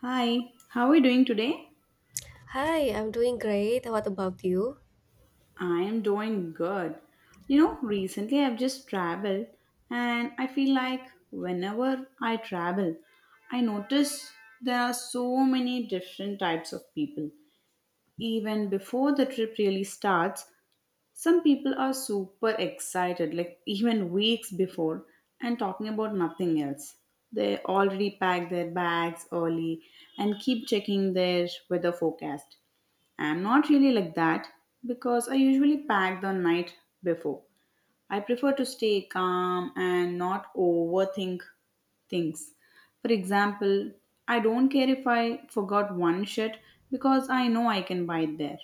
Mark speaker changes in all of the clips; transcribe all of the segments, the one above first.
Speaker 1: Hi, how are you doing today?
Speaker 2: Hi, I'm doing great. What about you?
Speaker 1: I am doing good. You know, recently I've just traveled and I feel like whenever I travel, I notice there are so many different types of people. Even before the trip really starts, some people are super excited, like even weeks before, and talking about nothing else. They already pack their bags early and keep checking their weather forecast. I'm not really like that because I usually pack the night before. I prefer to stay calm and not overthink things. For example, I don't care if I forgot one shirt because I know I can buy it there.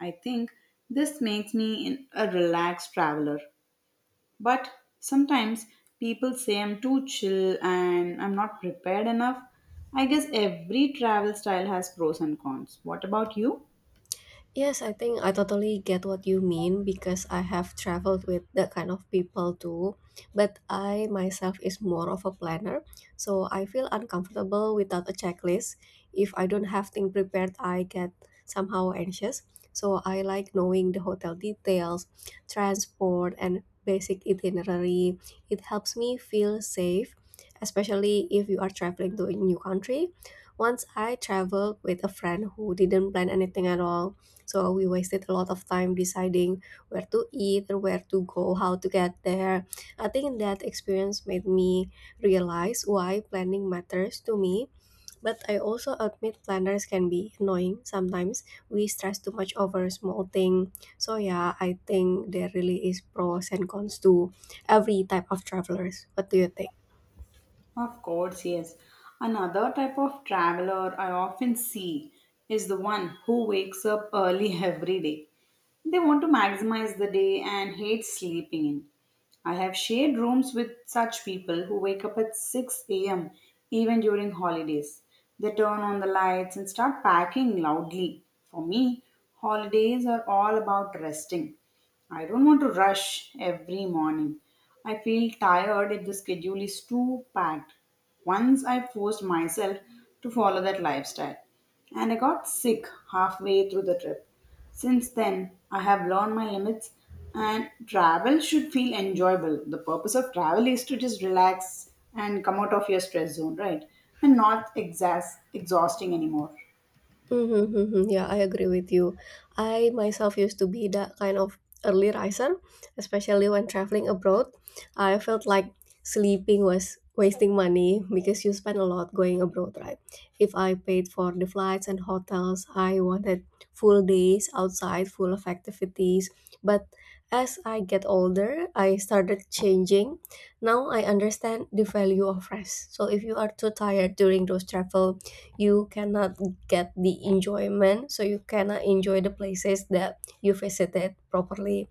Speaker 1: I think this makes me a relaxed traveler. But sometimes people say I'm too chill and I'm not prepared enough. I guess every travel style has pros and cons. What about you?
Speaker 2: Yes, I think I totally get what you mean because I have traveled with that kind of people too. But I myself is more of a planner, so I feel uncomfortable without a checklist. If I don't have things prepared, I get somehow anxious. So I like knowing the hotel details, transport, and basic itinerary. It helps me feel safe, especially if you are traveling to a new country. Once I traveled with a friend who didn't plan anything at all so we wasted a lot of time deciding where to eat or where to go, how to get there. I think that experience made me realize why planning matters to me. But I also admit planners can be annoying. Sometimes we stress too much over small thing. So yeah, I think there really is pros and cons to every type of travelers. What do you think?
Speaker 1: Of course, yes. Another type of traveler I often see is the one who wakes up early every day. They want to maximize the day and hate sleeping in. I have shared rooms with such people who wake up at 6 a.m. even during holidays. They turn on the lights and start packing loudly. For me, holidays are all about resting. I don't want to rush every morning. I feel tired if the schedule is too packed. Once I forced myself to follow that lifestyle and I got sick halfway through the trip. Since then, I have learned my limits and travel should feel enjoyable. The purpose of travel is to just relax and come out of your stress zone, right? And not exhausting anymore.
Speaker 2: Mm-hmm, mm-hmm. Yeah, I agree with you. I myself used to be that kind of early riser, especially when traveling abroad. I felt like sleeping was wasting money because you spend a lot going abroad, right? If I paid for the flights and hotels, I wanted full days outside, full of activities. But as I get older, I started changing. Now I understand the value of rest. So if you are too tired during those travel, you cannot get the enjoyment so you cannot enjoy the places that you visited properly,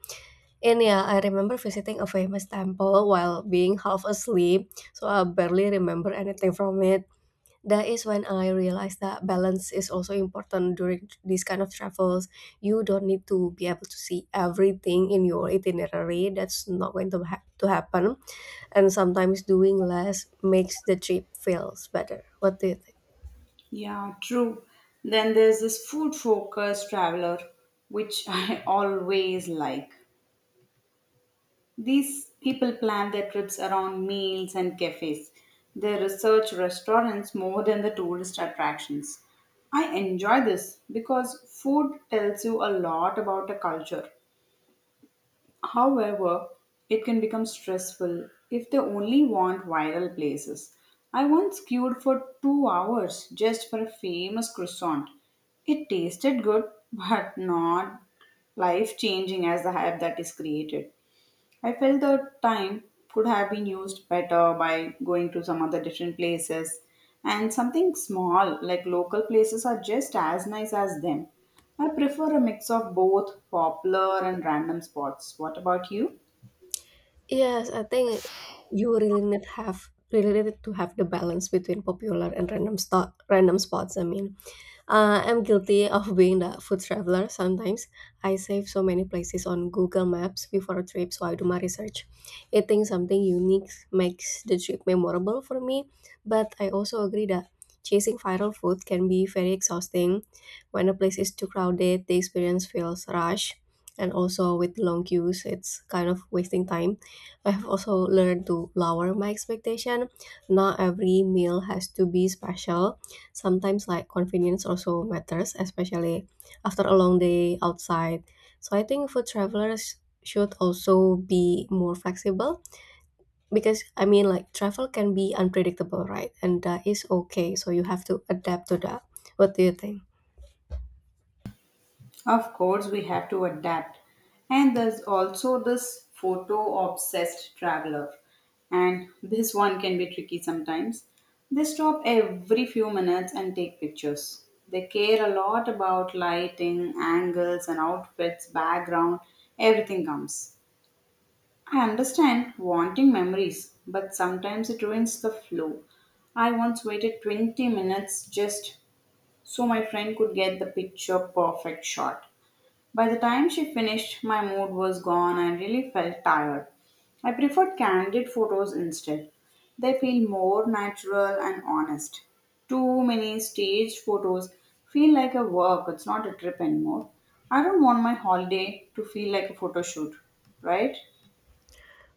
Speaker 2: and yeah, I remember visiting a famous temple while being half asleep, so I barely remember anything from it. That is when I realized that balance is also important during these kind of travels. You don't need to be able to see everything in your itinerary. That's not going to, to happen. And sometimes doing less makes the trip feels better. What do you think?
Speaker 1: Yeah, true. Then there's this food focused traveler, which I always like. These people plan their trips around meals and cafes. They research restaurants more than the tourist attractions. I enjoy this because food tells you a lot about a culture. However, it can become stressful if they only want viral places. I once queued for 2 hours just for a famous croissant. It tasted good, but not life changing as the hype that is created. I felt the time could have been used better by going to some other different places, and something small like local places are just as nice as them. I prefer a mix of both popular and random spots. What about you?
Speaker 2: Yes, I think you really need to have the balance between popular and random sto random spots, I mean. I'm guilty of being the food traveler sometimes. I save so many places on Google Maps before a trip, so I do my research. Eating something unique makes the trip memorable for me, but I also agree that chasing viral food can be very exhausting. When a place is too crowded, the experience feels rushed. And also with long queues, it's kind of wasting time. I have also learned to lower my expectation. Not every meal has to be special. Sometimes like convenience also matters, especially after a long day outside. So I think food travelers should also be more flexible because I mean like travel can be unpredictable, right? And that is okay. So you have to adapt to that. What do you think?
Speaker 1: Of course, we have to adapt. And there's also this photo obsessed traveler, and this one can be tricky sometimes. They stop every few minutes and take pictures. They care a lot about lighting, angles, and outfits, background, everything comes. I understand wanting memories, but sometimes it ruins the flow. I once waited 20 minutes just so my friend could get the picture perfect shot. By the time she finished, my mood was gone. I really felt tired. I preferred candid photos instead. They feel more natural and honest. Too many staged photos feel like a work, it's not a trip anymore. I don't want my holiday to feel like a photo shoot, right?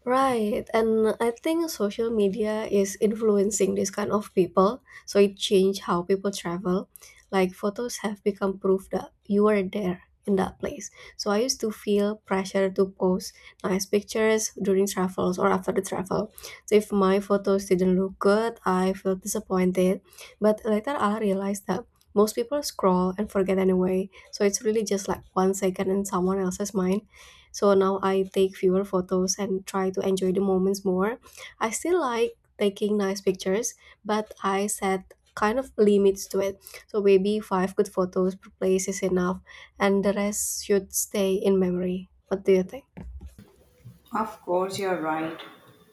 Speaker 2: Right, and I think social media is influencing this kind of people, so it changed how people travel. Like photos have become proof that you were there in that place. So I used to feel pressure to post nice pictures during travels or after the travel. So if my photos didn't look good, I felt disappointed. But later I realized that most people scroll and forget anyway. So it's really just like 1 second in someone else's mind, so now I take fewer photos and try to enjoy the moments more. I still like taking nice pictures, but I set kind of limits to it. So maybe five good photos per place is enough, and the rest should stay in memory. What do you think?
Speaker 1: Of course, you're right.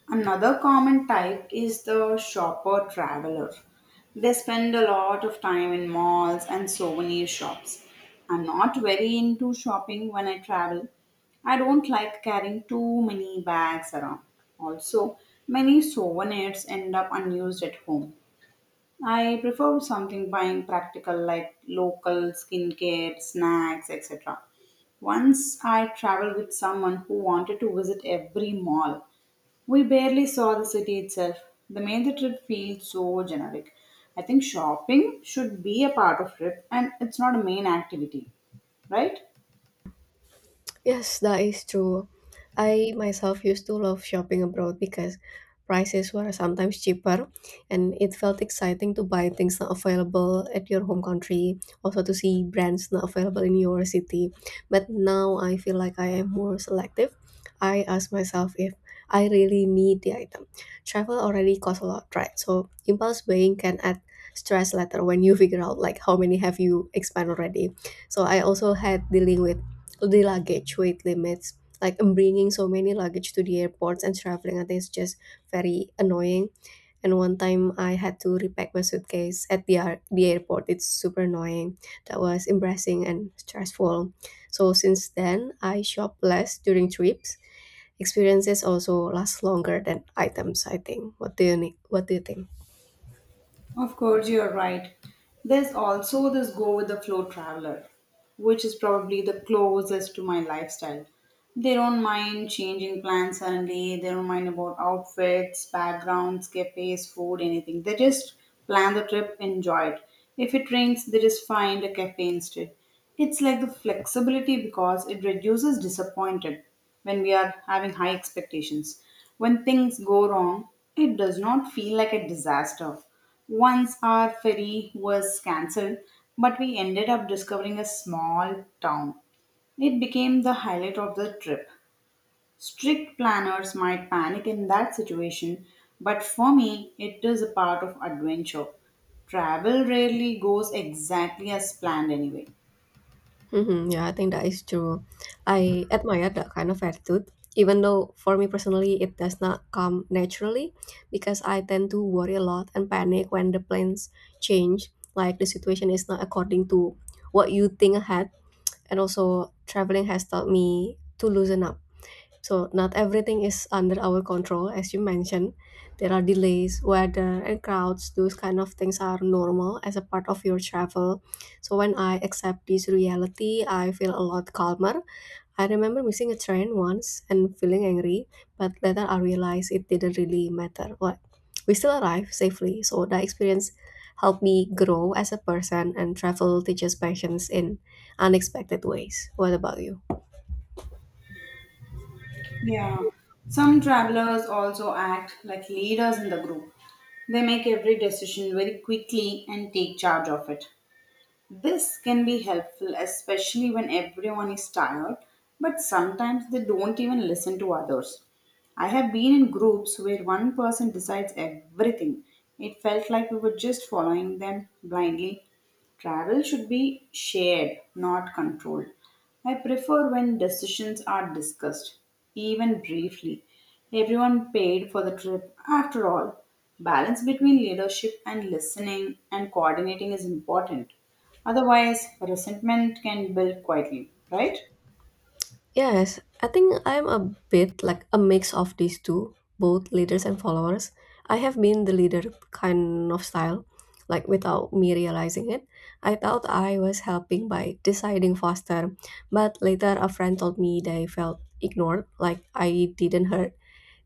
Speaker 1: Another common type is the shopper traveler. They spend a lot of time in malls and souvenir shops. I'm not very into shopping when I travel. I don't like carrying too many bags around. Also, many souvenirs end up unused at home. I prefer something buying practical like local skincare, snacks, etc. Once I traveled with someone who wanted to visit every mall. We barely saw the city itself. The made the trip feel so generic. I think shopping should be a part of trip and it's not a main activity, right?
Speaker 2: Yes, that is true. I myself used to love shopping abroad because prices were sometimes cheaper and it felt exciting to buy things not available at your home country, also to see brands not available in your city. But now I feel like I am more selective. I ask myself if I really need the item. Travel already costs a lot, right? So impulse buying can add stress later when you figure out like how many have you expand already. So I also had dealing with the luggage weight limits, like bringing so many luggage to the airports and traveling. I think it's just very annoying, and one time I had to repack my suitcase at the, the airport. It's super annoying. That was embarrassing and stressful. So since then I shop less during trips. Experiences also last longer than items, I think. What do you think?
Speaker 1: Of course, you're right. There's also this go with the flow traveler, which is probably the closest to my lifestyle. They don't mind changing plans suddenly, they don't mind about outfits, backgrounds, cafes, food, anything. They just plan the trip, enjoy it. If it rains, they just find a cafe instead. It's like the flexibility because it reduces disappointed when we are having high expectations. When things go wrong, it does not feel like a disaster. Once our ferry was cancelled, but we ended up discovering a small town. It became the highlight of the trip. Strict planners might panic in that situation, but for me, it is a part of adventure. Travel rarely goes exactly as planned, anyway.
Speaker 2: Mhm, yeah, I think that is true. I admire that kind of attitude, even though for me personally it does not come naturally because I tend to worry a lot and panic when the plans change, like the situation is not according to what you think ahead. And also, traveling has taught me to loosen up, so, not everything is under our control, as you mentioned. There are delays, weather, and crowds. Those kind of things are normal as a part of your travel. So, when I accept this reality, I feel a lot calmer. I remember missing a train once and feeling angry, but later I realized it didn't really matter. What, we still arrived safely, so that experience helped me grow as a person, and travel teaches patience in unexpected ways. What about you?
Speaker 1: Yeah. Some travelers also act like leaders in the group. They make every decision very quickly and take charge of it. This can be helpful, especially when everyone is tired, but sometimes they don't even listen to others. I have been in groups where one person decides everything. It felt like we were just following them blindly. Travel should be shared, not controlled. I prefer when decisions are discussed, even briefly. Everyone paid for the trip after all. Balance between leadership and listening and coordinating is important. Otherwise, resentment can build quietly, right?
Speaker 2: Yes, I think I'm a bit like a mix of these two, both leaders and followers. I have been the leader kind of style, like without me realizing it. I thought I was helping by deciding faster, but later a friend told me they felt ignored, like I didn't hurt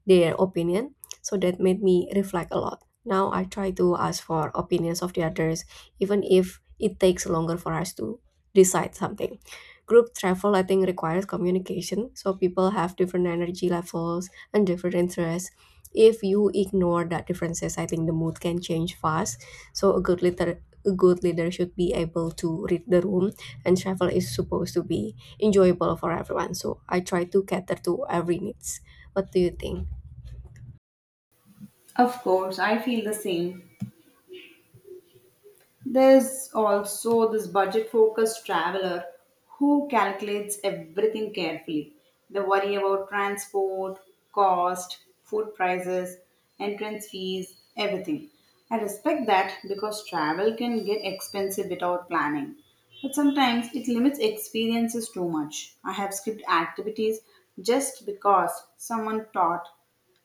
Speaker 2: their opinion. So that made me reflect a lot. Now I try to ask for opinions of the others, even if it takes longer for us to decide something. Group travel, I think, requires communication. So people have different energy levels and different interests. If you ignore that differences, I think the mood can change fast. So a good leader should be able to read the room, and travel is supposed to be enjoyable for everyone. So I try to cater to every needs. What do you think?
Speaker 1: Of course, I feel the same. There's also this budget focused traveler who calculates everything carefully. They worry about transport, cost, food prices, entrance fees, everything. I respect that because travel can get expensive without planning. But sometimes it limits experiences too much. I have skipped activities just because someone thought.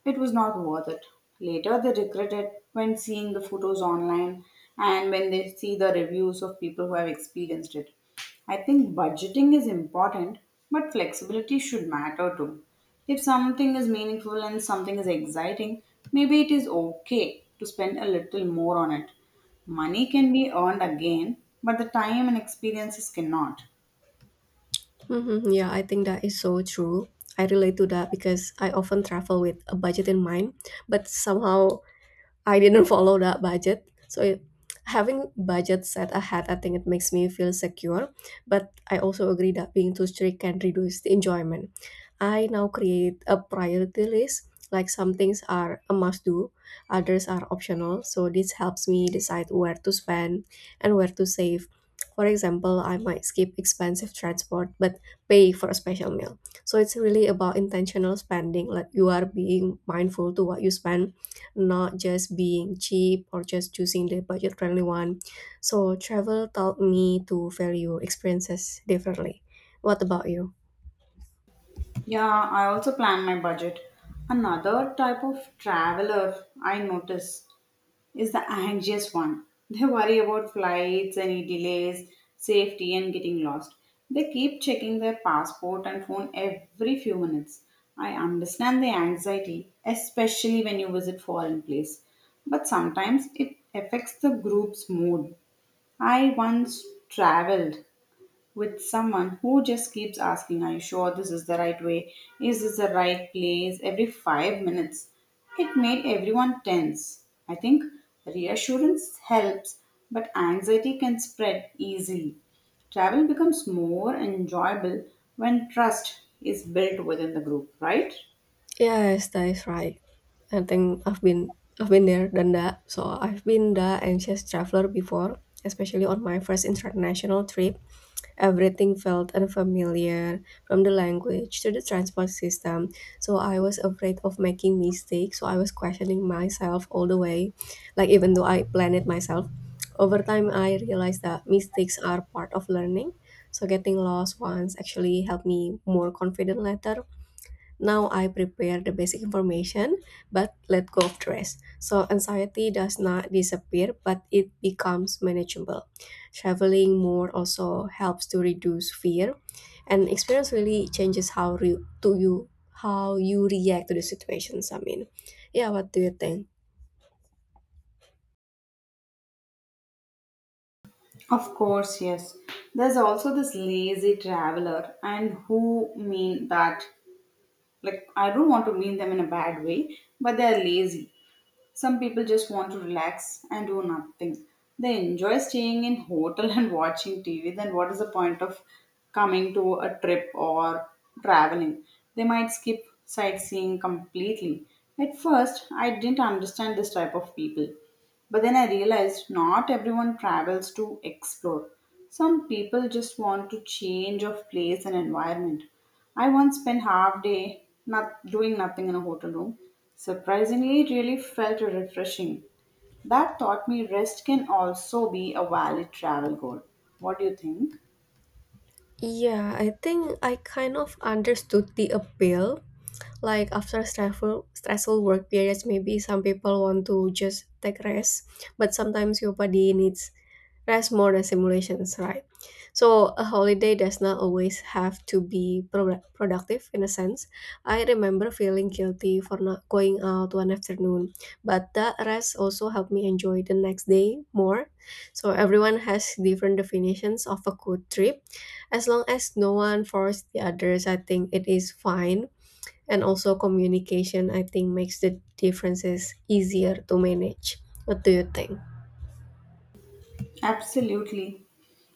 Speaker 1: It was not worth it. Later, they regret it when seeing the photos online and when they see the reviews of people who have experienced it. I think budgeting is important, but flexibility should matter too. If something is meaningful and something is exciting, maybe it is okay to spend a little more on it. Money can be earned again, but the time and experiences cannot.
Speaker 2: Mhm, yeah, I think that is so true. I relate to that because I often travel with a budget in mind, but somehow I didn't follow that budget. So it, having budget set ahead, I think it makes me feel secure. But I also agree that being too strict can reduce the enjoyment. I now create a priority list, like some things are a must do, others are optional. So this helps me decide where to spend and where to save. For example, I might skip expensive transport but pay for a special meal. So it's really about intentional spending, like you are being mindful to what you spend, not just being cheap or just choosing the budget friendly one. So travel taught me to value experiences differently. What about you?
Speaker 1: Yeah, I also plan my budget. Another type of traveler I notice is the anxious one. They worry about flights, any delays, safety, and getting lost. They keep checking their passport and phone every few minutes. I understand the anxiety, especially when you visit foreign place, but sometimes it affects the group's mood. I once traveled with someone who just keeps asking, "Are you sure this is the right way? Is this the right place?" every 5 minutes. It made everyone tense. I think reassurance helps, but anxiety can spread easily. Travel becomes more enjoyable when trust is built within the group, right?
Speaker 2: Yeah, yes, that is right. I think I've been there done that. So I've been the anxious traveler before, especially on my first international trip. Everything felt unfamiliar, from the language to the transport system. So I was afraid of making mistakes. So I was questioning myself all the way, like even though I planned it myself. Over time, I realized that mistakes are part of learning. So getting lost once actually helped me more confident later. Now I prepare the basic information but let go of the rest. So anxiety does not disappear but it becomes manageable. Traveling more also helps to reduce fear, and experience really changes to you how you react to the situations. I mean, yeah, what do you think?
Speaker 1: Of course, yes. There's also this lazy traveler, and who mean that, like, I don't want to mean them in a bad way, but they're lazy. Some people just want to relax and do nothing. They enjoy staying in hotel and watching TV. Then what is the point of coming to a trip or traveling? They might skip sightseeing completely. At first, I didn't understand this type of people. But then I realized not everyone travels to explore. Some people just want to change of place and environment. I once spent half day not doing nothing in a hotel room. Surprisingly, it really felt refreshing. That taught me rest can also be a valid travel goal. What do you think?
Speaker 2: Yeah, I think I kind of understood the appeal, like after stressful work periods, maybe some people want to just take rest, but sometimes your body needs rest more than simulations, right? So a holiday does not always have to be productive in a sense. I remember feeling guilty for not going out one afternoon, but that rest also helped me enjoy the next day more. So everyone has different definitions of a good trip. As long as no one forced the others, I think it is fine. And also communication, I think, makes the differences easier to manage. What do you think?
Speaker 1: Absolutely.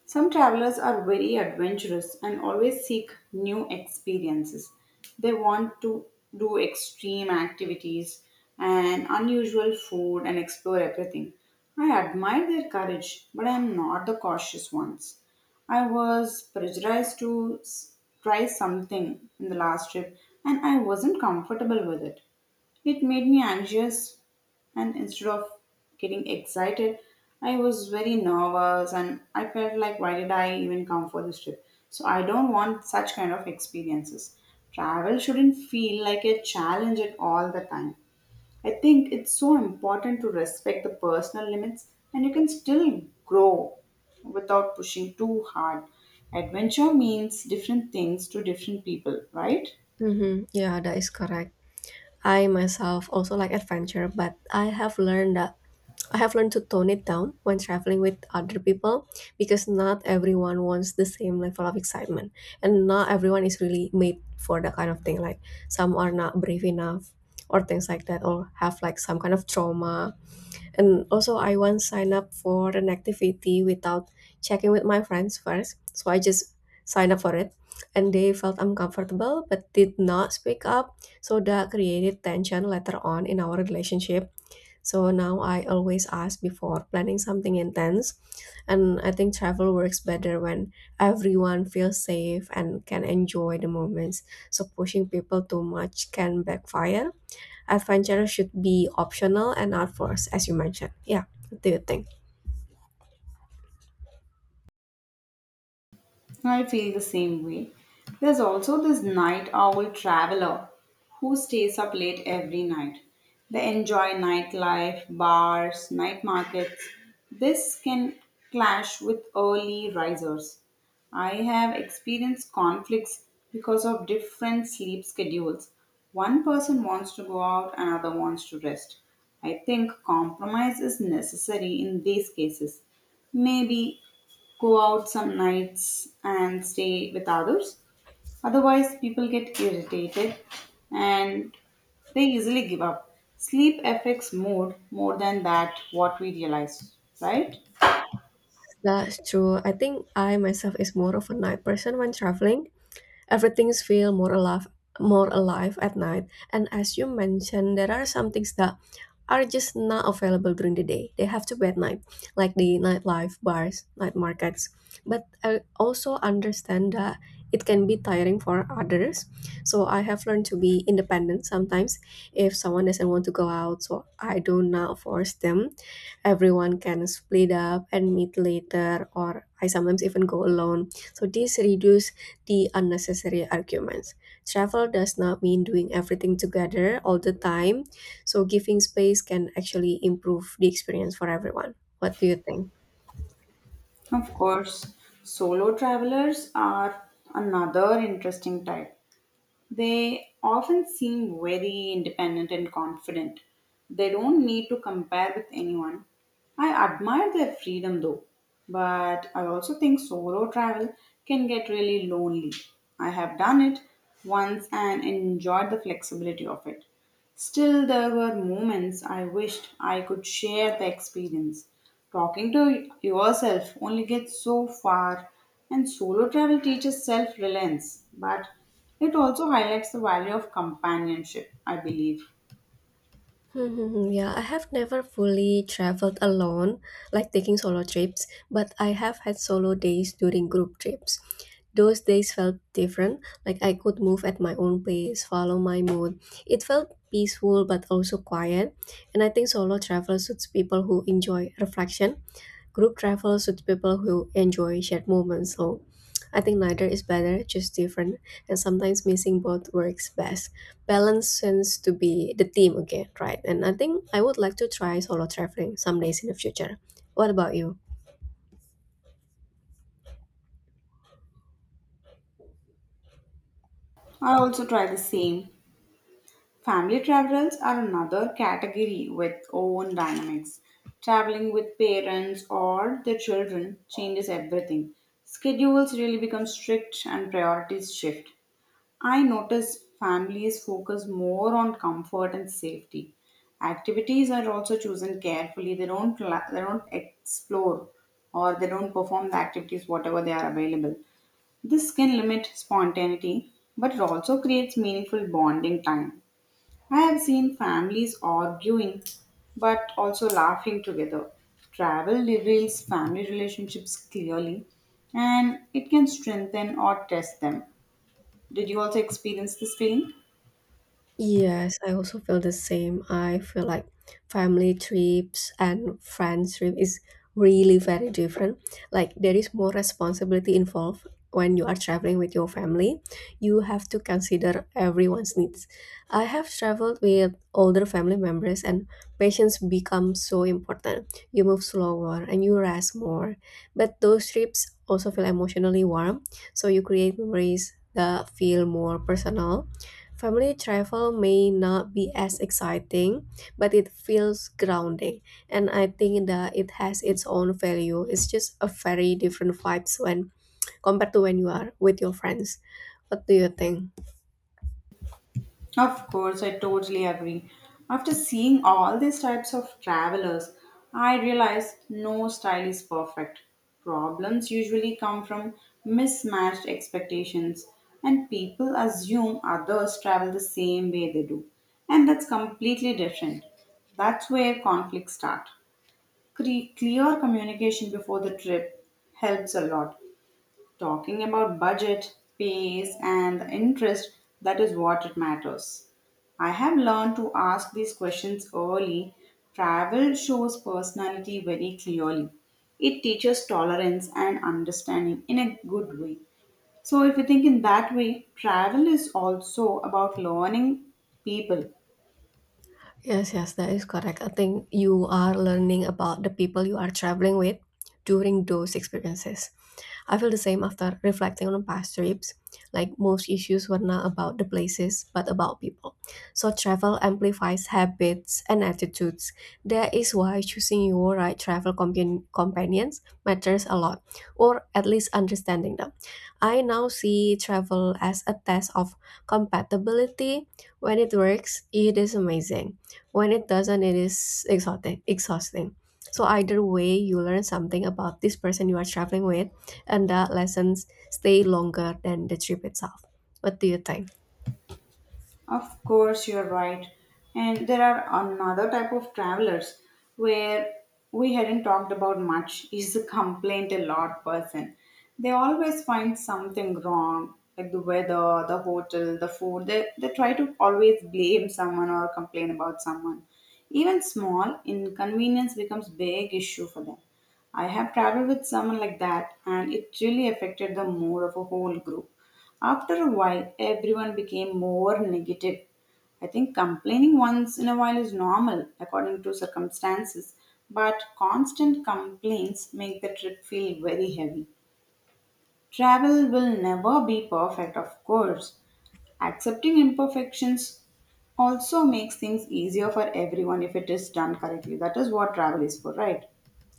Speaker 1: Some travelers are very adventurous and always seek new experiences. They want to do extreme activities and unusual food and explore everything. I admire their courage, but I am not the cautious ones. I was pressurized to try something in the last trip and I wasn't comfortable with it. It made me anxious, and instead of getting excited, I was very nervous and I felt like, why did I even come for this trip? So, I don't want such kind of experiences. Travel shouldn't feel like a challenge at all the time. I think it's so important to respect the personal limits and you can still grow without pushing too hard. Adventure means different things to different people, right?
Speaker 2: Hmm, yeah, that is correct. I myself also like adventure, but I have learned to tone it down when traveling with other people because not everyone wants the same level of excitement, and not everyone is really made for that kind of thing, like some are not brave enough or things like that, or have like some kind of trauma. And also, I once signed up for an activity without checking with my friends first. So I just signed up for it. And they felt uncomfortable but did not speak up. So that created tension later on in our relationship. So now I always ask before planning something intense. And I think travel works better when everyone feels safe and can enjoy the moments. So pushing people too much can backfire. I find channels should be optional and not forced, as you mentioned. Yeah, what do you think?
Speaker 1: I feel the same way. There's also this night owl traveler who stays up late every night. They enjoy nightlife, bars, night markets. This can clash with early risers. I have experienced conflicts because of different sleep schedules. One person wants to go out, another wants to rest. I think compromise is necessary in these cases. Maybe go out some nights and stay with others. Otherwise, people get irritated and they easily give up. Sleep affects mood more than that what we realize, right?
Speaker 2: That's true. I think I myself is more of a night person when traveling. Everything feels more alive at night. And as you mentioned, there are some things that are just not available during the day. They have to be at night, like the nightlife, bars, night markets. But I also understand that it can be tiring for others. So I have learned to be independent sometimes. If someone doesn't want to go out, so I do not force them. Everyone can split up and meet later, or I sometimes even go alone. So this reduces the unnecessary arguments. Travel does not mean doing everything together all the time, so giving space can actually improve the experience for everyone. What do you think?
Speaker 1: Of course, solo travelers are another interesting type. They often seem very independent and confident. They don't need to compare with anyone. I admire their freedom though, but I also think solo travel can get really lonely. I have done it once and enjoyed the flexibility of it. Still, there were moments I wished I could share the experience. Talking to yourself only gets so far, and solo travel teaches self reliance, but it also highlights the value of companionship, I believe.
Speaker 2: Hmm, yeah, I have never fully traveled alone, like taking solo trips, but I have had solo days during group trips. Those days felt different, like I could move at my own pace, follow my mood. It felt peaceful but also quiet, and I think solo travel suits people who enjoy reflection. Group travel suits people who enjoy shared moments, so I think neither is better, just different, and sometimes missing both works best. Balance seems to be the theme again, right? And I think I would like to try solo traveling some days in the future. What about you?
Speaker 1: I also try the same. Family travelers are another category with own dynamics. Traveling with parents or their children changes everything. Schedules really become strict and priorities shift. I notice families focus more on comfort and safety. Activities are also chosen carefully. They don't la- they don't explore or they don't perform the activities whatever they are available. This can limit spontaneity, but it also creates meaningful bonding time. I have seen families arguing but also laughing together. Travel reveals family relationships clearly and it can strengthen or test them. Did you also experience this feeling?
Speaker 2: Yes, I also feel the same. I feel like family trips and friends trip is really very different. Like there is more responsibility involved when you are traveling with your family. You have to consider everyone's needs. I have traveled with older family members, and patience becomes so important. You move slower and you rest more. But those trips also feel emotionally warm, so you create memories that feel more personal. Family travel may not be as exciting, but it feels grounding. And I think that it has its own value. It's just a very different vibes when compared to when you are with your friends. What do you think?
Speaker 1: Of course, I totally agree. After seeing all these types of travelers, I realized no style is perfect. Problems usually come from mismatched expectations, and people assume others travel the same way they do. And that's completely different. That's where conflicts start. Clear communication before the trip helps a lot. Talking about budget, pace, and the interest, that is what it matters. I have learned to ask these questions early. Travel shows personality very clearly. It teaches tolerance and understanding in a good way. So, if you think in that way, travel is also about learning people.
Speaker 2: Yes, that is correct. I think you are learning about the people you are traveling with during those experiences. I feel the same after reflecting on past trips. Like, most issues were not about the places, but about people. So travel amplifies habits and attitudes. That is why choosing your right travel companions matters a lot, or at least understanding them. I now see travel as a test of compatibility. When it works, it is amazing. When it doesn't, it is exhausting. Exhausting. So either way, you learn something about this person you are traveling with, and that lessons stay longer than the trip itself. What do you think?
Speaker 1: Of course, you're right. And there are another type of travelers where we hadn't talked about much is the complaint a lot person. They always find something wrong, like the weather, the hotel, the food. They try to always blame someone or complain about someone. Even small inconvenience becomes big issue for them. I have traveled with someone like that and it really affected the mood of a whole group. After a while, everyone became more negative. I think complaining once in a while is normal according to circumstances, but constant complaints make the trip feel very heavy. Travel will never be perfect, of course. Accepting imperfections also makes things easier for everyone if it is done correctly. That is what travel is for, right?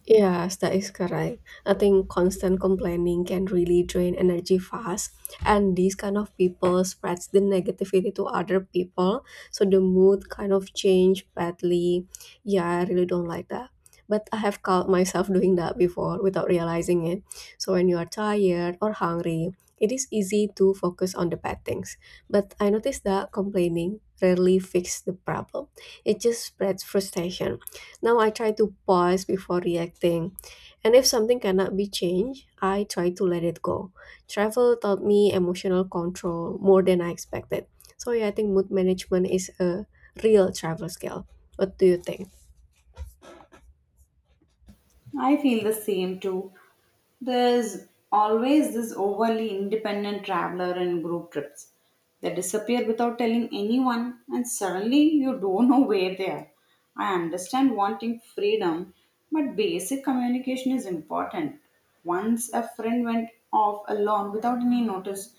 Speaker 2: Yes, that is correct. I think constant complaining can really drain energy fast, and these kind of people spreads the negativity to other people. So the mood kind of change badly. Yeah, I really don't like that. But I have caught myself doing that before without realizing it. So when you are tired or hungry, it is easy to focus on the bad things. But I noticed that complaining rarely fix the problem. It just spreads frustration. Now I try to pause before reacting. And if something cannot be changed, I try to let it go. Travel taught me emotional control more than I expected. So yeah, I think mood management is a real travel skill. What do you think?
Speaker 1: I feel the same too. There's always this overly independent traveler in group trips. They disappear without telling anyone, and suddenly you don't know where they are. I understand wanting freedom, but basic communication is important. Once a friend went off alone without any notice,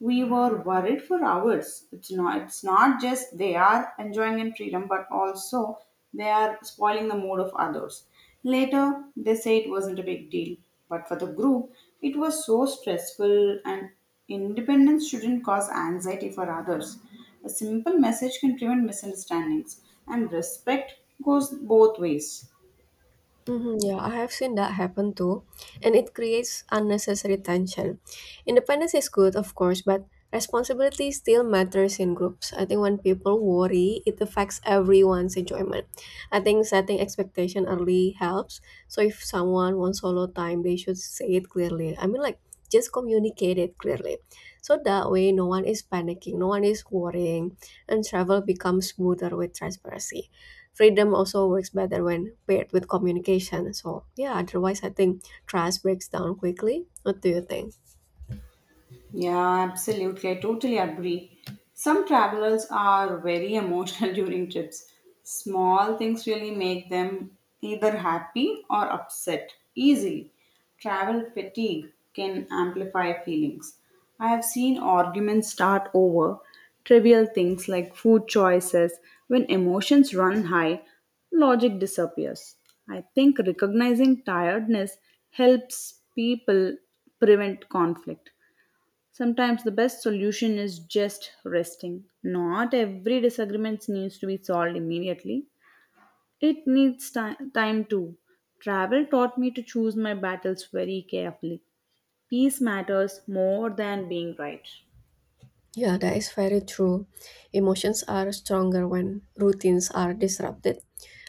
Speaker 1: we were worried for hours. It's not just they are enjoying in freedom, but also they are spoiling the mood of others. Later, they say it wasn't a big deal, but for the group, it was so stressful, and independence shouldn't cause anxiety for others. A simple message can prevent misunderstandings, and respect goes both ways.
Speaker 2: Hmm, yeah, I have seen that happen too, and it creates unnecessary tension. Independence is good, of course, but responsibility still matters in groups. I think when people worry, it affects everyone's enjoyment. I think setting expectation early helps. So if someone wants solo time, they should say it clearly. I mean, like, just communicate it clearly, so that way no one is panicking, no one is worrying, and travel becomes smoother with transparency. Freedom also works better when paired with communication. So, yeah, otherwise, I think trust breaks down quickly. What do you think?
Speaker 1: Yeah, absolutely. I totally agree. Some travelers are very emotional during trips. Small things really make them either happy or upset easily. Travel fatigue can amplify feelings. I have seen arguments start over trivial things like food choices. When emotions run high, logic disappears. I think recognizing tiredness helps people prevent conflict. Sometimes the best solution is just resting. Not every disagreement needs to be solved immediately. It needs time too. Travel taught me to choose my battles very carefully. Peace matters more than being right.
Speaker 2: Yeah, that is very true. Emotions are stronger when routines are disrupted.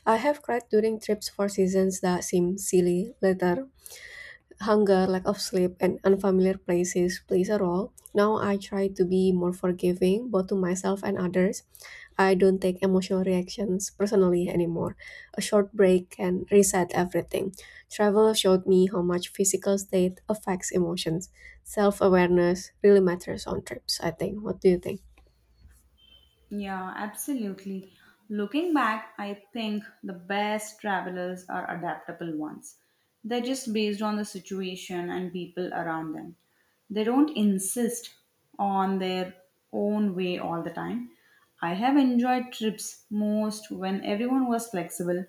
Speaker 2: I have cried during trips for seasons that seem silly later. Hunger, lack of sleep, and unfamiliar places plays a role. Now I try to be more forgiving both to myself and others. I don't take emotional reactions personally anymore. A short break can reset everything. Travel showed me how much physical state affects emotions. Self awareness really matters on trips, I think. What do you think?
Speaker 1: Yeah, absolutely. Looking back, I think the best travelers are adaptable ones. They're just based on the situation and people around them. They don't insist on their own way all the time. I have enjoyed trips most when everyone was flexible.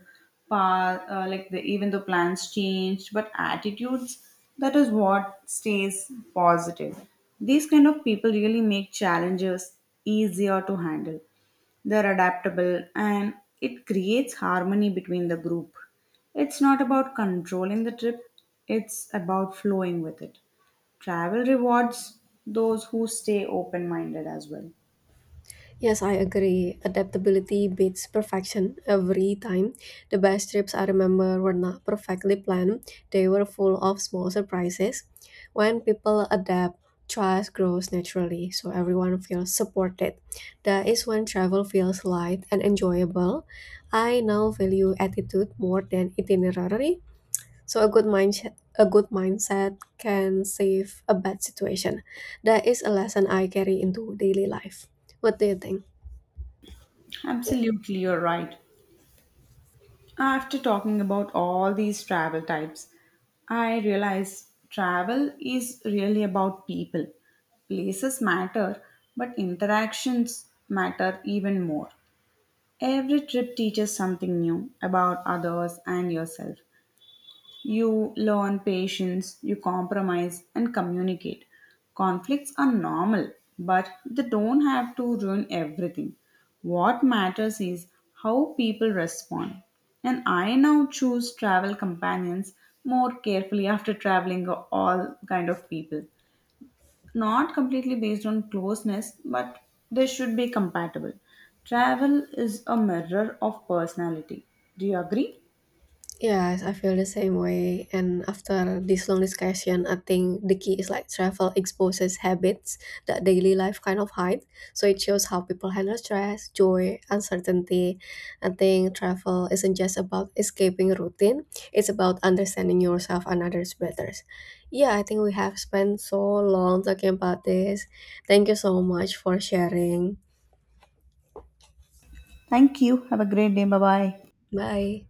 Speaker 1: Like the, even though plans changed, but attitudes that is what stays positive. These kind of people really make challenges easier to handle. They're adaptable and it creates harmony between the group. It's not about controlling the trip, it's about flowing with it. Travel rewards those who stay open minded as well.
Speaker 2: Yes, I agree. Adaptability beats perfection every time. The best trips I remember were not perfectly planned, they were full of small surprises. When people adapt, trust grows naturally, so everyone feels supported. That is when travel feels light and enjoyable. I now value attitude more than itinerary. So a good mindset can save a bad situation. That is a lesson I carry into daily life. What do you think?
Speaker 1: Absolutely, you're right. After talking about all these travel types, I realize travel is really about people. Places matter, but interactions matter even more. Every trip teaches something new about others and yourself. You learn patience, you compromise, and communicate. Conflicts are normal, but they don't have to ruin everything. What matters is how people respond. And I now choose travel companions more carefully after traveling all kind of people. Not completely based on closeness, but they should be compatible. Travel is a mirror of personality. Do you agree?
Speaker 2: Yes, I feel the same way. And after this long discussion, I think the key is like travel exposes habits that daily life kind of hide. So it shows how people handle stress, joy, uncertainty. I think travel isn't just about escaping routine, it's about understanding yourself and others better. Yeah, I think we have spent so long talking about this. Thank you so much for sharing.
Speaker 1: Thank you. Have a great day. Bye bye.
Speaker 2: Bye.